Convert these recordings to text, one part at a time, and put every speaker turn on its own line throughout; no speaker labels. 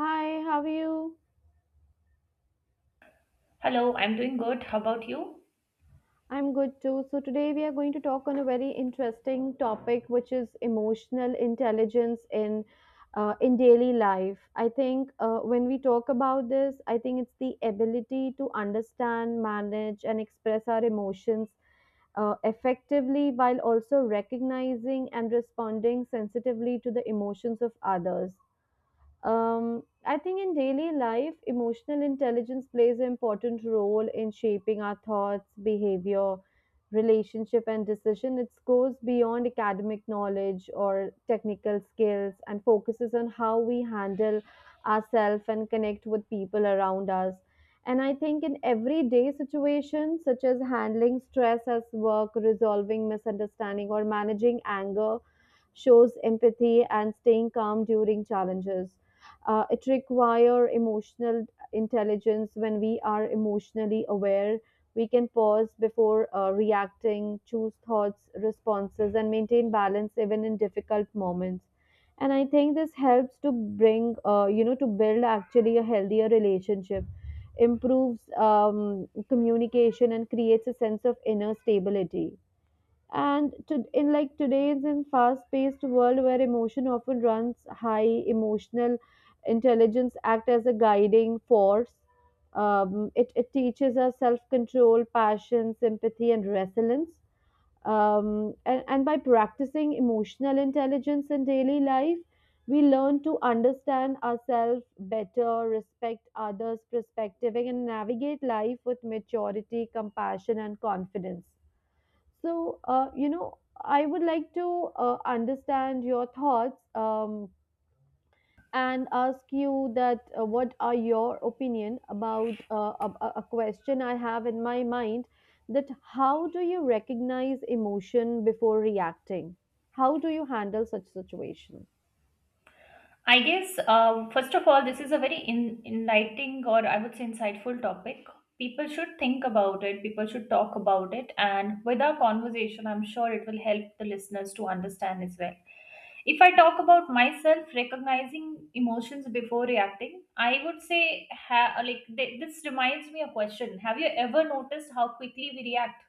Hi, how are you?
Hello, I'm doing good. How about you?
I'm good too. So, today we are going to talk on a very interesting topic, which is emotional intelligence in daily life. I think when we talk about this, I think it's the ability to understand, manage, and express our emotions effectively while also recognizing and responding sensitively to the emotions of others. I think in daily life, emotional intelligence plays an important role in shaping our thoughts, behavior, relationship, and decision. It goes beyond academic knowledge or technical skills and focuses on how we handle ourselves and connect with people around us. And I think in everyday situations, such as handling stress at work, resolving misunderstanding, or managing anger, shows empathy and staying calm during challenges, it requires emotional intelligence. When we are emotionally aware, we can pause before reacting, choose thoughts responses, and maintain balance even in difficult moments. And I think this helps to bring, to build actually a healthier relationship, improves communication, and creates a sense of inner stability. And to, in like today's in fast-paced world where emotion often runs high, emotional intelligence act as a guiding force. It teaches us self-control, passion, sympathy, and resilience. And by practicing emotional intelligence in daily life, we learn to understand ourselves better, respect others perspective, and navigate life with maturity, compassion, and confidence. So, I would like to understand your thoughts, and ask you that what are your opinion about a question I have in my mind, that how do you recognize emotion before reacting? How do you handle such situation?
I guess, first of all, this is a very enlightening, or I would say insightful, topic. People should think about it, people should talk about it, and with our conversation, I'm sure it will help the listeners to understand as well. If I talk about myself recognizing emotions before reacting, I would say, this reminds me a question. Have you ever noticed how quickly we react?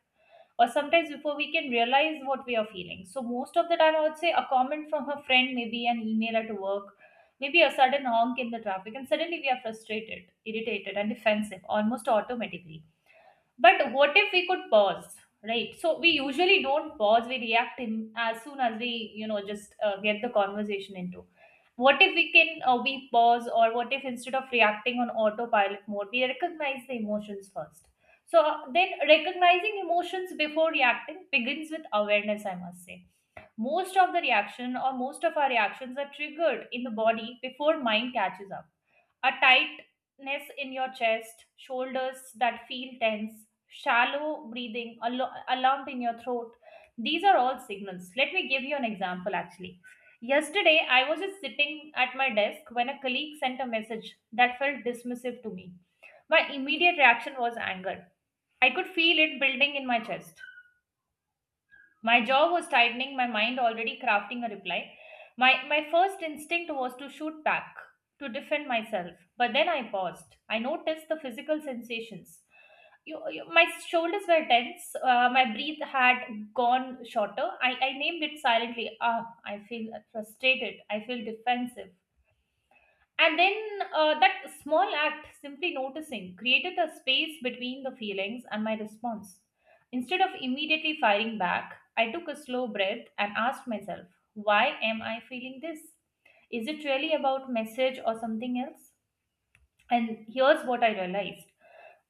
Or sometimes before we can realize what we are feeling. So most of the time, I would say a comment from her friend, maybe an email at work, maybe a sudden honk in the traffic, and suddenly we are frustrated, irritated, and defensive almost automatically. But what if we could pause, right? So we usually don't pause. We react in as soon as we, you know, just get the conversation into. What if we can we pause, or what if instead of reacting on autopilot mode, we recognize the emotions first? Recognizing emotions before reacting begins with awareness. I must say, most of the reaction or most of our reactions are triggered in the body before mind catches up, a tightness in your chest, shoulders that feel tense, shallow breathing, a lump in your throat. These are all signals. Let me give you an example actually. Yesterday, I was just sitting at my desk when a colleague sent a message that felt dismissive to me. My immediate reaction was anger. I could feel it building in my chest. My jaw was tightening, my mind already crafting a reply. My first instinct was to shoot back, to defend myself. But then I paused. I noticed the physical sensations. My shoulders were tense, my breath had gone shorter. I named it silently. Ah, I feel frustrated, I feel defensive. And then That small act, simply noticing, created a space between the feelings and my response. Instead of immediately firing back, I took a slow breath and asked myself, why am I feeling this? Is it really about message or something else? And here's what I realized.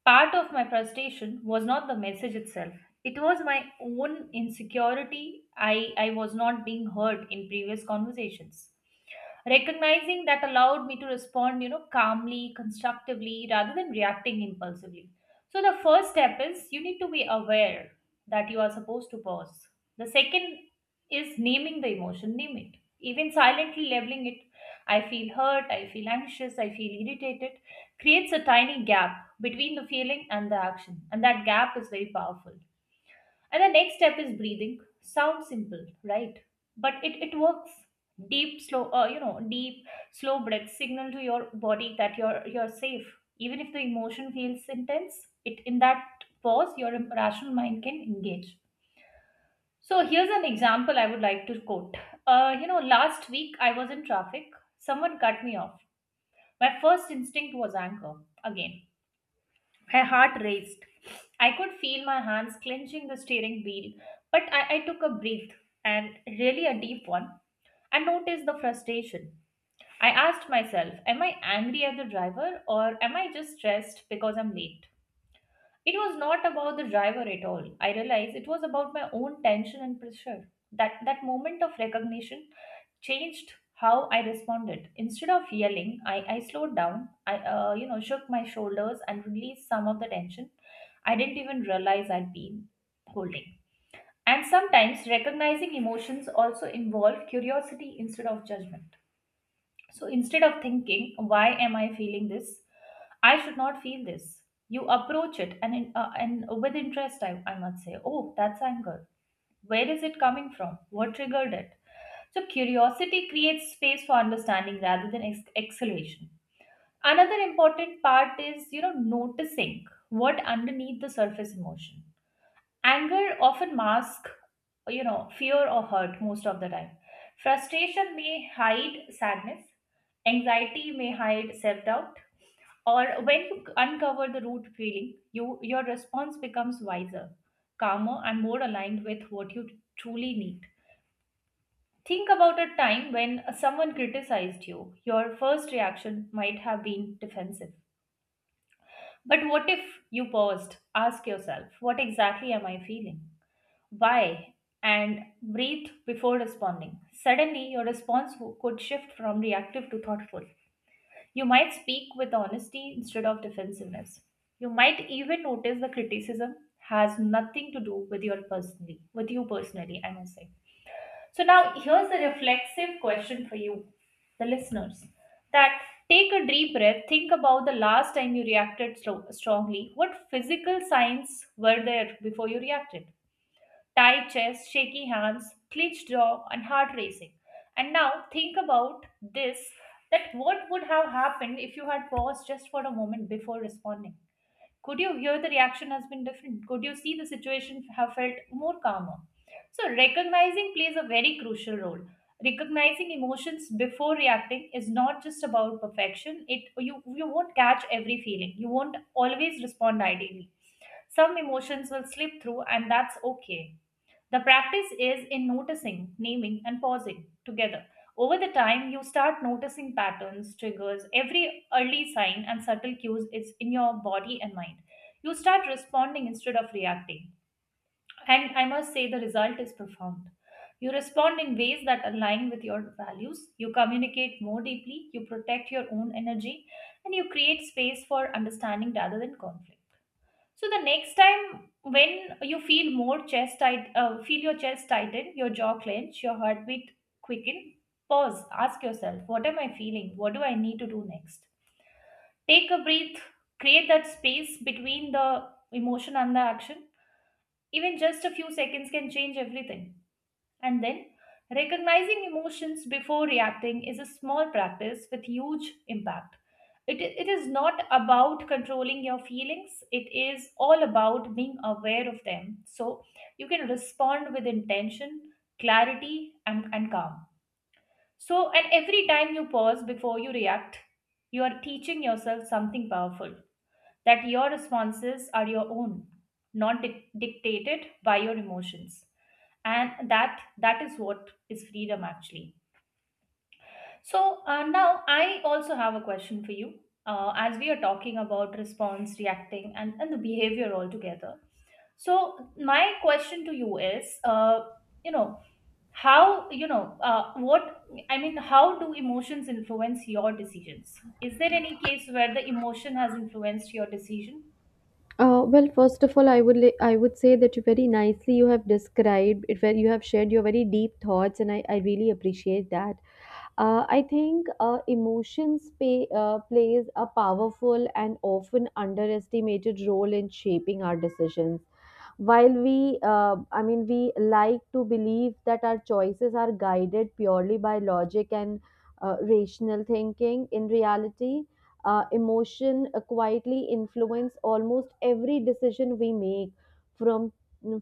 Part of my frustration was not the message itself. It was my own insecurity. I was not being heard in previous conversations. Recognizing that allowed me to respond, you know, calmly, constructively rather than reacting impulsively. So the first step is you need to be aware that you are supposed to pause. The second is naming the emotion. Name it, even silently labeling it. I feel hurt, I feel anxious, I feel irritated. Creates a tiny gap between the feeling and the action, and that gap is very powerful. And the next step is breathing. Sounds simple, right? But it works. Deep, slow breath signal to your body that you're safe. Even if the emotion feels intense, it in that pause, your rational mind can engage. So here's an example I would like to quote. You know, last week I was in traffic. Someone cut me off. My first instinct was anger again. My heart raced. I could feel my hands clenching the steering wheel, but I took a breath, and really a deep one, and noticed the frustration. I asked myself, am I angry at the driver or am I just stressed because I'm late? It was not about the driver at all. I realized it was about my own tension and pressure. That that moment of recognition changed how I responded. Instead of yelling, I slowed down. I you know, shook my shoulders and released some of the tension. I didn't even realize I'd been holding. And sometimes recognizing emotions also involve curiosity instead of judgment. So instead of thinking, why am I feeling this? I should not feel this. You approach it and with interest, I must say, oh, that's anger. Where is it coming from? What triggered it? So curiosity creates space for understanding rather than acceleration. Another important part is, you know, noticing what underneath the surface emotion. Anger often masks, you know, fear or hurt most of the time. Frustration may hide sadness, anxiety may hide self doubt, or when you uncover the root feeling, you, your response becomes wiser, calmer, and more aligned with what you truly need. Think about a time when someone criticized you. Your first reaction might have been defensive. But what if you paused? Ask yourself, what exactly am I feeling? Why, and breathe before responding. Suddenly, your could shift from reactive to thoughtful. You might speak with honesty instead of defensiveness. You might even notice the criticism has nothing to do with with you personally, I must say. So now here's the reflexive question for you, the listeners. That take a deep breath, think about the last time you reacted slow, strongly. What physical signs were there before you reacted? Tight chest, shaky hands, clenched jaw, and heart racing. And now think about this, that what would have happened if you had paused just for a moment before responding? Could you hear the reaction has been different? Could you see the situation have felt more calmer? So, recognizing plays a very crucial role. Recognizing emotions before reacting is not just about perfection. It, you won't catch every feeling. You won't always respond ideally. Some emotions will slip through, and that's okay. The practice is in noticing, naming, and pausing together. Over the time, you start noticing patterns, triggers, every early sign and subtle cues is in your body and mind. You start responding instead of reacting. And I must say, the result is profound. You respond in ways that align with your values, you communicate more deeply, you protect your own energy, and you create space for understanding rather than conflict. So the next time when you feel more chest tight, feel your chest tighten, your jaw clench, your heartbeat quicken, pause, ask yourself, what am I feeling? What do I need to do next? Take a breath, create that space between the emotion and the action. Even just a few seconds can change everything. And then, recognizing emotions before reacting is a small practice with huge impact. It is not about controlling your feelings, it is all about being aware of them. So, you can respond with intention, clarity, and calm. So, and every time you pause before you react, you are teaching yourself something powerful, that your responses are your own, not dictated by your emotions. And that that is what is freedom actually. So now I also have a question for you. As we are talking about response, reacting, and the behavior altogether. So my question to you is, you know, how you know what I mean? How do emotions influence your decisions? Is there any case where the emotion has influenced your decision?
Well, first of all, I would say that you very nicely you have described it, where you have shared your very deep thoughts, and I really appreciate that. I think emotions plays a powerful and often underestimated role in shaping our decisions. While we, we like to believe that our choices are guided purely by logic and rational thinking. In reality, emotion quietly influence almost every decision we make, from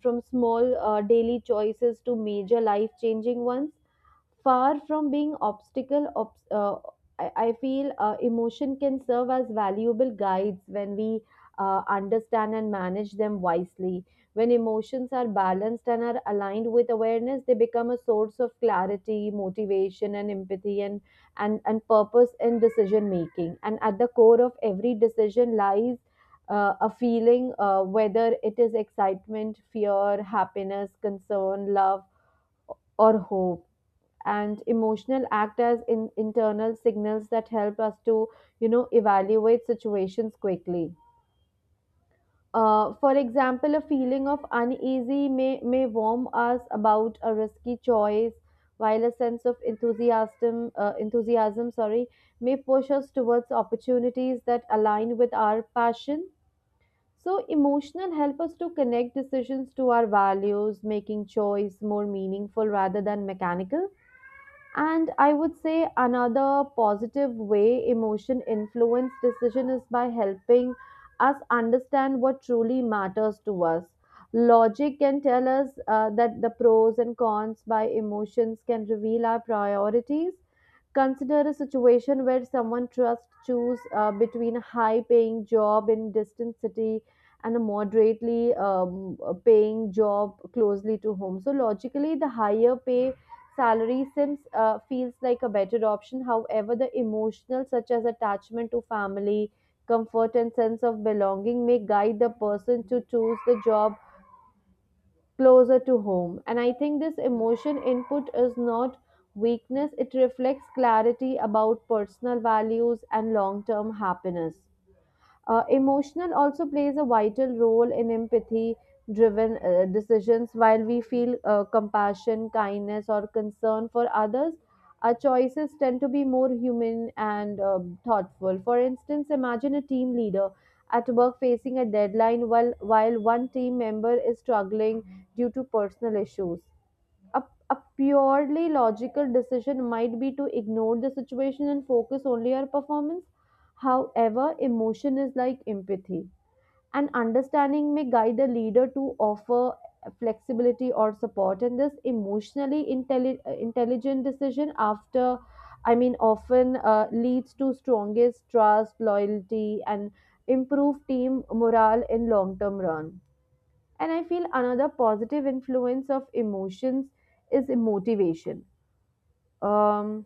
from small daily choices to major life changing ones. Far from being obstacle, I feel emotion can serve as valuable guides when we understand and manage them wisely. When emotions are balanced and are aligned with awareness, they become a source of clarity, motivation, and empathy, and and purpose in decision making. And at the core of every decision lies a feeling, whether it is excitement, fear, happiness, concern, love, or hope. And emotional act as in internal signals that help us to, you know, evaluate situations quickly. For example, a feeling of uneasy may warn us about a risky choice, while a sense of enthusiasm, enthusiasm, sorry, may push us towards opportunities that align with our passion. So emotional help us to connect decisions to our values, making choice more meaningful rather than mechanical. And I would say another positive way emotion influence decision is by helping us understand what truly matters to us. Logic can tell us that the pros and cons, by emotions can reveal our priorities. Consider a situation where someone trusts choose between a high-paying job in distant city and a moderately paying job closely to home. So logically, the higher pay salary seems feels like a better option. However, the emotional such as attachment to family, comfort, and sense of belonging may guide the person to choose the job closer to home. And I think this emotion input is not weakness, it reflects clarity about personal values and long term happiness. Emotional also plays a vital role in empathy driven decisions. While we feel compassion, kindness, or concern for others, our choices tend to be more human and thoughtful. For instance, imagine a team leader at work facing a deadline while one team member is struggling due to personal issues, a, a purely logical decision might be to ignore the situation and focus only on performance. However, emotion is like empathy, and understanding may guide the leader to offer flexibility or support. And this emotionally intelligent decision, often leads to strongest trust, loyalty, and improved team morale in long term run. And I feel another positive influence of emotions is motivation. um,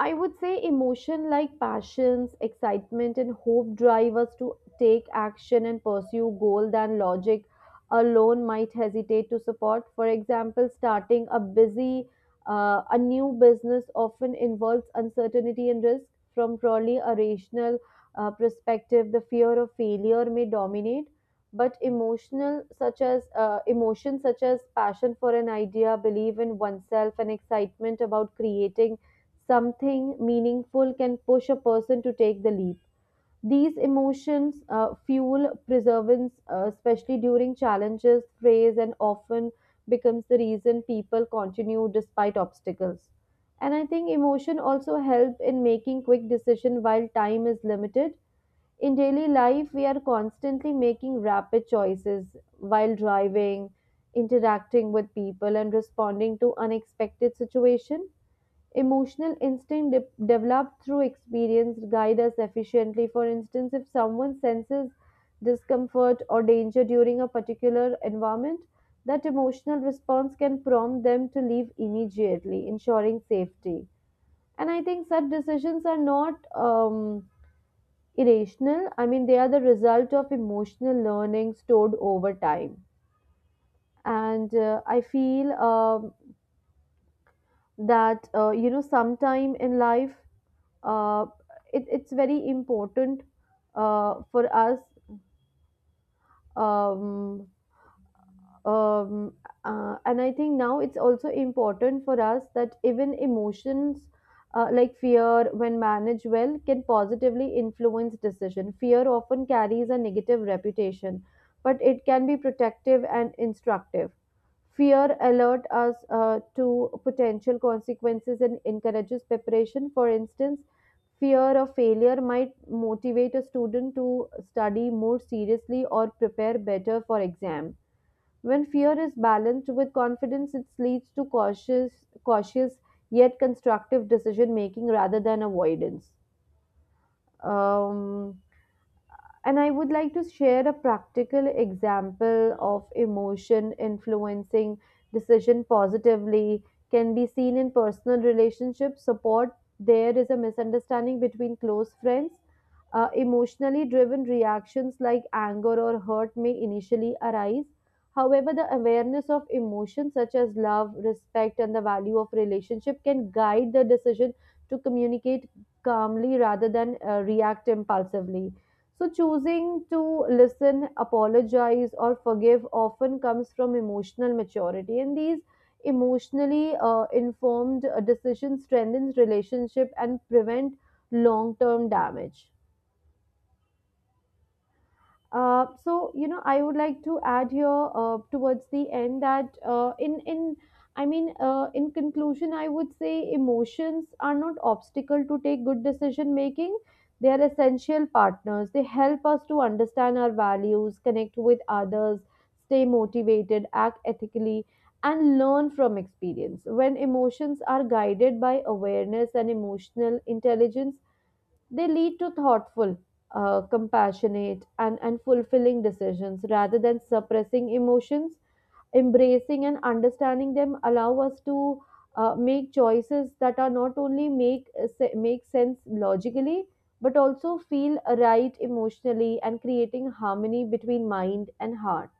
I would say emotion like passions, excitement, and hope drive us to take action and pursue goal than logic alone might hesitate to support. For example, starting a a new business often involves uncertainty and risk. From purely a rational perspective, the fear of failure may dominate, but emotional such as emotions such as passion for an idea, belief in oneself, and excitement about creating something meaningful can push a person to take the leap. These emotions fuel perseverance, especially during challenges, praise, and often becomes the reason people continue despite obstacles. And I think emotion also help in making quick decision while time is limited. In daily life, we are constantly making rapid choices while driving, interacting with people, and responding to unexpected situation. Emotional instinct developed through experience guide us efficiently. For instance, if someone senses discomfort or danger during a particular environment, that emotional response can prompt them to leave immediately, ensuring safety. And I think such decisions are not irrational. I mean, they are the result of emotional learning stored over time. And I feel that you know, sometime in life, uh, it's very important for us, um, um, and I think now it's also important for us that even emotions like fear, when managed well, can positively influence decision. Fear often carries a negative reputation, but it can be protective and instructive. Fear alerts us to potential consequences and encourages preparation. For instance, fear of failure might motivate a student to study more seriously or prepare better for exam. When fear is balanced with confidence, it leads to cautious yet constructive decision making rather than avoidance. Um, and I would like to share a practical example of emotion influencing decision positively can be seen in personal relationships support. There is a misunderstanding between close friends. Emotionally driven reactions like anger or hurt may initially arise. However, the awareness of emotions such as love, respect, and the value of relationship can guide the decision to communicate calmly rather than react impulsively. So, choosing to listen, apologize, or forgive often comes from emotional maturity, and these emotionally informed decisions strengthens relationship and prevent long-term damage. So you know, I would like to add here towards the end that in conclusion, I would say emotions are not obstacle to take good decision making. They are essential partners. They help us to understand our values, connect with others, stay motivated, act ethically, and learn from experience. When emotions are guided by awareness and emotional intelligence, they lead to thoughtful, compassionate, and, fulfilling decisions rather than suppressing emotions. Embracing and understanding them allow us to make choices that are not only make sense logically but also feel right emotionally and creating harmony between mind and heart.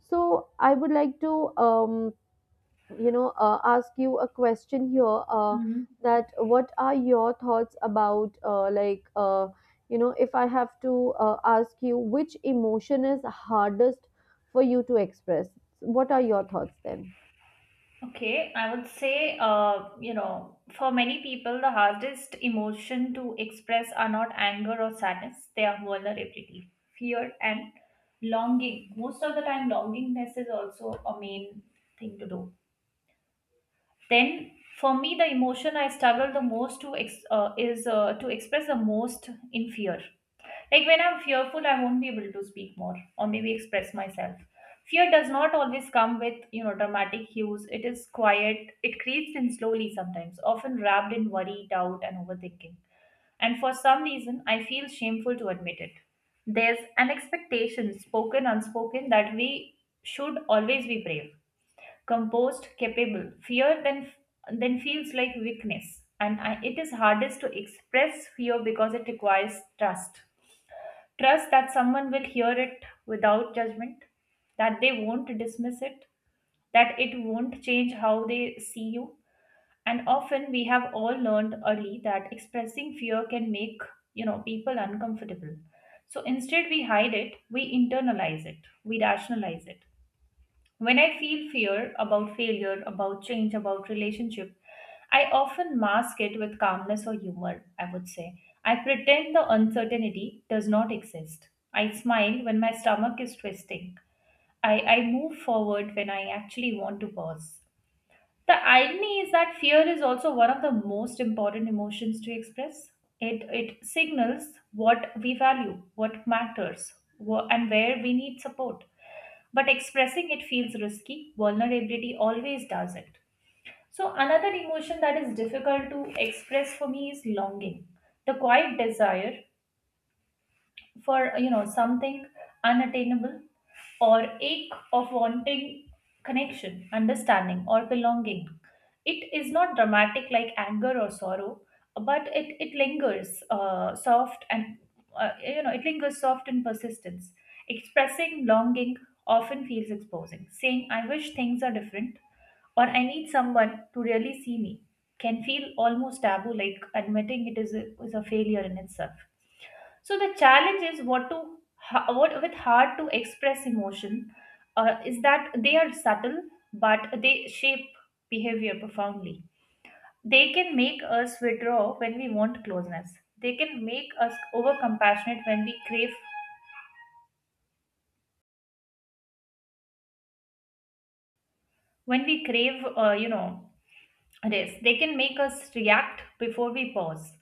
So I would like to, ask you a question here, that what are your thoughts about, you know, if I have to ask you which emotion is hardest for you to express, what are your thoughts then?
Okay, I would say, you know, for many people, the hardest emotion to express are not anger or sadness, they are vulnerability, fear, and longing. Most of the time, longingness is also a main thing to do. Then, for me, the emotion I struggle the most is to express the most in fear. Like when I'm fearful, I won't be able to speak more or maybe express myself. Fear does not always come with, you know, dramatic hues. It is quiet. It creeps in slowly sometimes, often wrapped in worry, doubt, and overthinking. And for some reason, I feel shameful to admit it. There's an expectation, spoken, unspoken, that we should always be brave, composed, capable. Fear then feels like weakness, and I, it is hardest to express fear because it requires trust. Trust that someone will hear it without judgment, that they won't dismiss it, that it won't change how they see you. And often we have all learned early that expressing fear can make, you know, people uncomfortable. So instead we hide it, we internalize it, we rationalize it. When I feel fear about failure, about change, about relationship, I often mask it with calmness or humor, I would say. I pretend the uncertainty does not exist. I smile when my stomach is twisting. I move forward when I actually want to pause. The irony is that fear is also one of the most important emotions to express. It signals what we value, what matters, and where we need support, but expressing it feels risky. Vulnerability always does it. So, another emotion that is difficult to express for me is longing, the quiet desire for, you know, something unattainable or ache of wanting connection, understanding, or belonging. It is not dramatic like anger or sorrow, but it lingers soft and you know, it lingers soft in persistence. Expressing longing often feels exposing. Saying I wish things are different or I need someone to really see me can feel almost taboo, like admitting it is a failure in itself. So the challenge is what with hard to express emotion is that they are subtle, but they shape behavior profoundly. They can make us withdraw when we want closeness. They can make us over compassionate when we crave rest. They can make us react before we pause.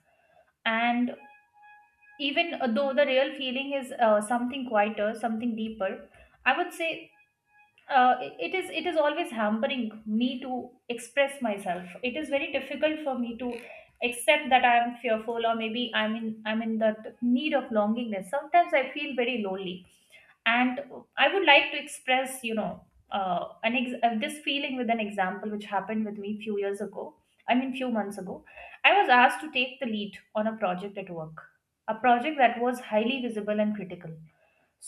And even though the real feeling is something quieter, something deeper, I would say it is always hampering me to express myself. It is very difficult for me to accept that I am fearful, or maybe I'm in the need of longingness. Sometimes I feel very lonely, and I would like to express this feeling with an example which happened with me few months ago. I was asked to take the lead on a project at work, a project that was highly visible and critical.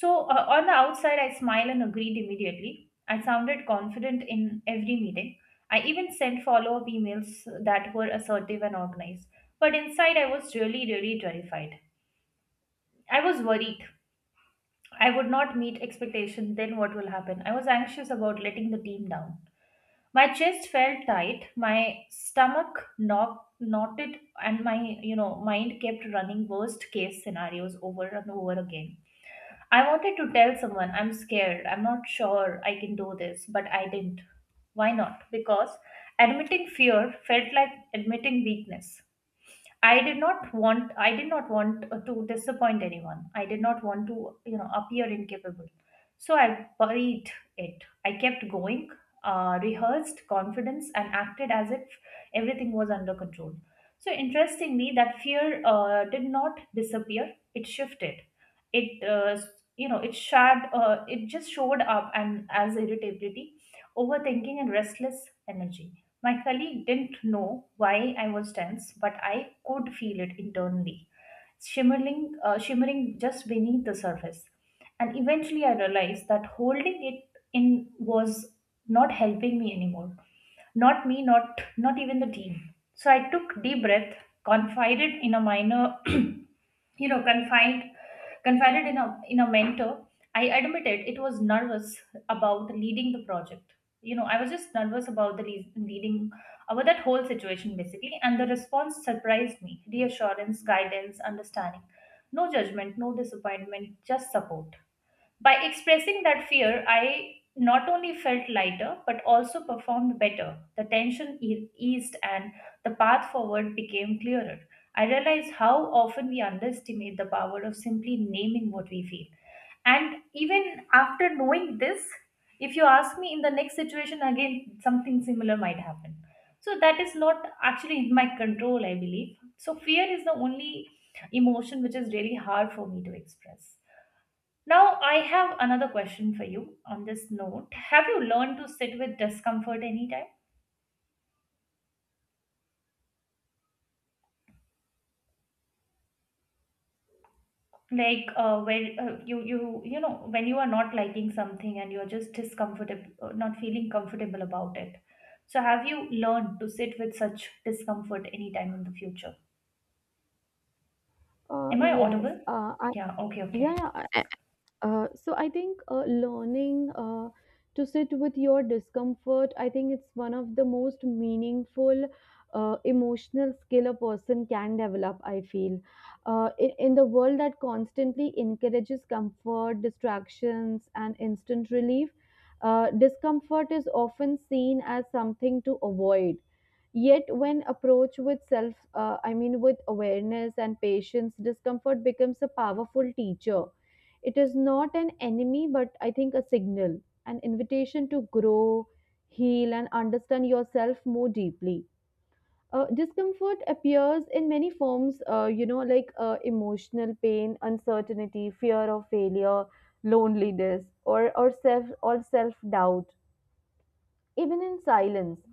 So on the outside I smiled and agreed immediately. I sounded confident in every meeting. I even sent follow-up emails that were assertive and organized, but inside I was really terrified. I was worried I would not meet expectation, then what will happen? I was anxious about letting the team down. My chest felt tight, my stomach knotted, and my mind kept running worst case scenarios over and over again. I wanted to tell someone I'm scared, I'm not sure I can do this, but I didn't. Why not? Because admitting fear felt like admitting weakness. I did not want to disappoint anyone. I did not want to, you know, appear incapable. So I buried it. I kept going, rehearsed confidence and acted as if everything was under control. So interestingly, that fear did not disappear. It shifted. It you know, it shared It just showed up and as irritability, overthinking and restless energy. My colleague didn't know why I was tense, but I could feel it internally, shimmering just beneath the surface. And eventually, I realized that holding it in was not helping me anymore. Not me, not even the team. So I took deep breath, confided in a minor you know confined confided in a mentor. I admitted it was nervous about leading the project. You know, I was just nervous about leading, about that whole situation basically. And the response surprised me: reassurance, guidance, understanding, no judgment, no disappointment, just support. By expressing that fear, I not only felt lighter but also performed better. The tension eased and the path forward became clearer. I realized how often we underestimate the power of simply naming what we feel. And even after knowing this, if you ask me in the next situation again, something similar might happen. So that is not actually in my control, I believe. So fear is the only emotion which is really hard for me to express. Now, I have another question for you on this note. Have you learned to sit with discomfort anytime? Like where you know when you are not liking something and you're just discomfortable, not feeling comfortable about it. So, have you learned to sit with such discomfort anytime in the future?
uh,
Am I
yes
audible?
uh, I,
Yeah. Okay.
yeah,
Okay.
yeah. So I think learning to sit with your discomfort, I think it's one of the most meaningful emotional skill a person can develop. I feel in the world that constantly encourages comfort, distractions, and instant relief, discomfort is often seen as something to avoid. Yet, when approached with self, with awareness and patience, discomfort becomes a powerful teacher. It is not an enemy, but I think a signal, an invitation to grow, heal, and understand yourself more deeply. Discomfort appears in many forms, emotional pain, uncertainty, fear of failure, loneliness, or self doubt, even in silence.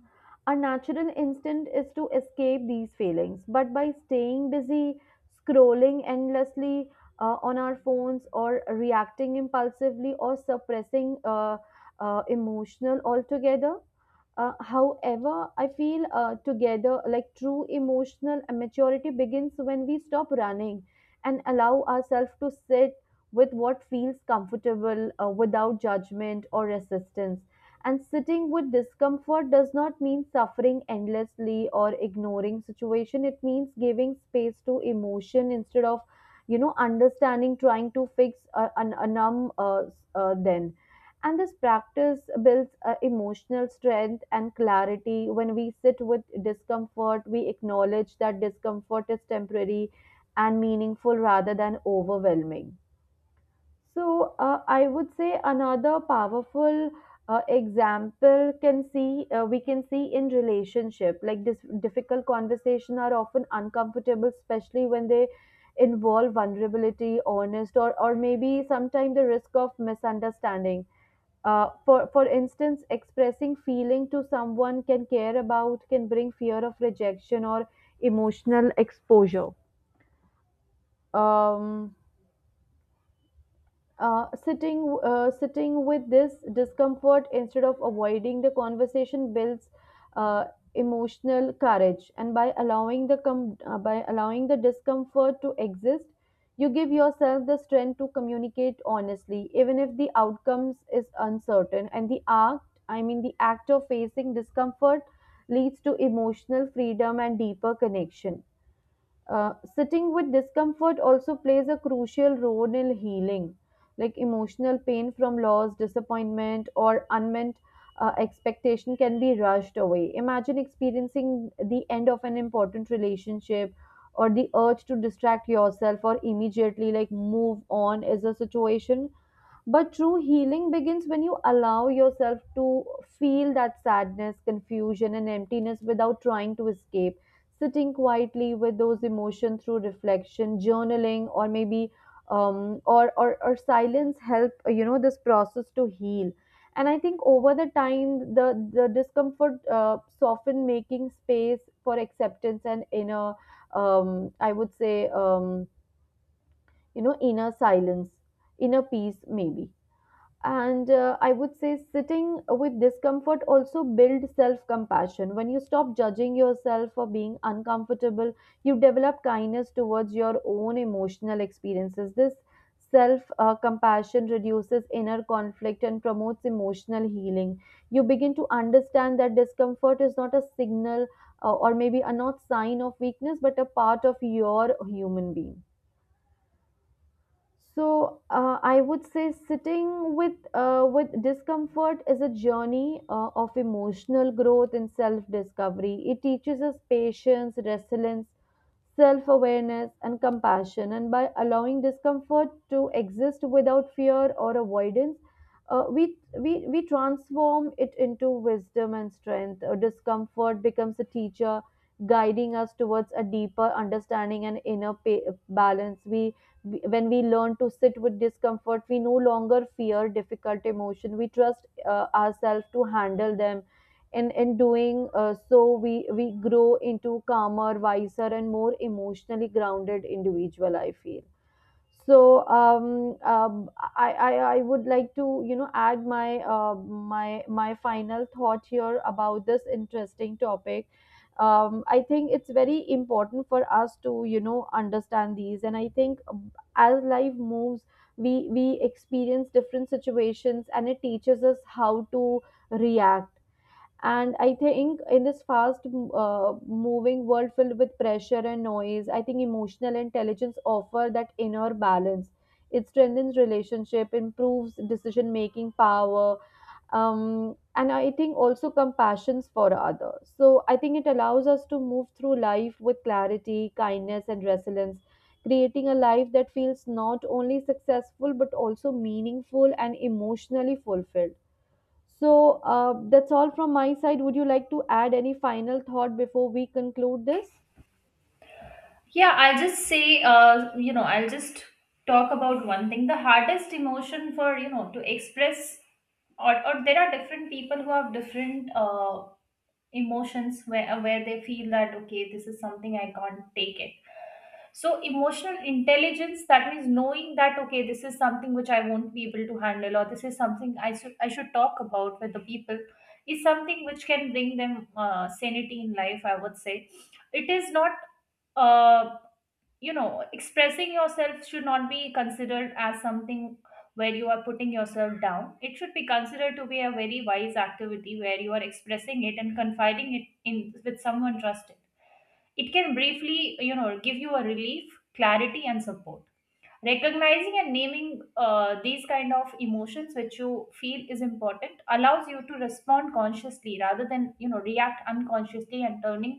Our natural instinct is to escape these feelings, but by staying busy, scrolling endlessly on our phones, or reacting impulsively, or suppressing emotional altogether. However, I feel together like true emotional maturity begins when we stop running and allow ourselves to sit with what feels comfortable without judgment or resistance. And sitting with discomfort does not mean suffering endlessly or ignoring situation. It means giving space to emotion instead of, understanding, trying to fix a numb then. And this practice builds emotional strength and clarity. When we sit with discomfort, we acknowledge that discomfort is temporary and meaningful rather than overwhelming. So I would say another powerful example can see we can see in relationship like this difficult conversation are often uncomfortable, especially when they involve vulnerability, honest, or maybe sometimes the risk of misunderstanding. For instance, expressing feeling to someone can care about can bring fear of rejection or emotional exposure. Um, Sitting with this discomfort instead of avoiding the conversation builds uh, emotional courage, and by allowing the discomfort to exist, you give yourself the strength to communicate honestly even if the outcomes is uncertain. And the act I mean the act of facing discomfort leads to emotional freedom and deeper connection. Sitting with discomfort also plays a crucial role in healing, like emotional pain from loss, disappointment, or unmet expectation can be rushed away. Imagine experiencing the end of an important relationship or the urge to distract yourself or immediately like move on is a situation, but true healing begins when you allow yourself to feel that sadness, confusion, and emptiness without trying to escape. Sitting quietly with those emotions through reflection, journaling, or maybe or silence help, this process to heal. And I think over the time, the discomfort soften, making space for acceptance and um, I would say, um, inner silence, inner peace, maybe. And I would say sitting with discomfort also builds self compassion. When you stop judging yourself for being uncomfortable, you develop kindness towards your own emotional experiences. This self compassion reduces inner conflict and promotes emotional healing. You begin to understand that discomfort is not a signal or maybe a not sign of weakness, but a part of your human being. So I would say sitting with discomfort is a journey of emotional growth and self discovery. It teaches us patience, resilience, self awareness, and compassion. And by allowing discomfort to exist without fear or avoidance, we transform it into wisdom and strength. Discomfort becomes a teacher, guiding us towards a deeper understanding and inner balance. We when we learn to sit with discomfort, we no longer fear difficult emotion. We trust ourselves to handle them, and in doing so we grow into calmer, wiser, and more emotionally grounded individual, I feel. So I would like to add my final thought here about this interesting topic. I think it's very important for us to understand these, and I think as life moves, we experience different situations, and it teaches us how to react. And I think in this fast moving world filled with pressure and noise, I think emotional intelligence offer that inner balance. It strengthens relationship, improves decision making power, and I think also compassions for others. So I think it allows us to move through life with clarity, kindness, and resilience, creating a life that feels not only successful but also meaningful and emotionally fulfilled. So that's all from my side. Would you like to add any final thought before we conclude this?
Yeah, I'll just say, you know, I'll just talk about one thing. The hardest emotion for, you know, to express, or there are different people who have different emotions where they feel that, okay, this is something I can't take it. So, emotional intelligence, that means knowing that, okay, this is something which I won't be able to handle, or this is something I should talk about with the people, is something which can bring them sanity in life, I would say. It is not. Uh, you know, expressing yourself should not be considered as something where you are putting yourself down. It should be considered to be a very wise activity where you are expressing it and confiding it in with someone trusted. It can briefly, you know, give you a relief, clarity and support. Recognizing and naming these kind of emotions which you feel is important allows you to respond consciously rather than, you know, react unconsciously, and turning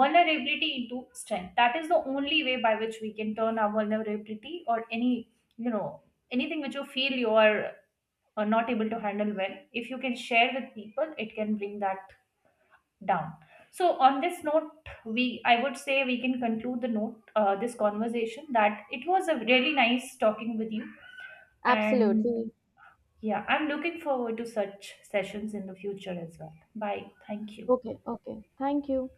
vulnerability into strength. That is the only way by which we can turn our vulnerability, or any, you know, anything which you feel you are not able to handle well. If you can share with people, it can bring that down. So on this note, we I would say we can conclude the note this conversation. That it was a really nice talking with you, and
Absolutely.
yeah, I'm looking forward to such sessions in the future as well. Bye, thank you.
Okay, okay. Thank you.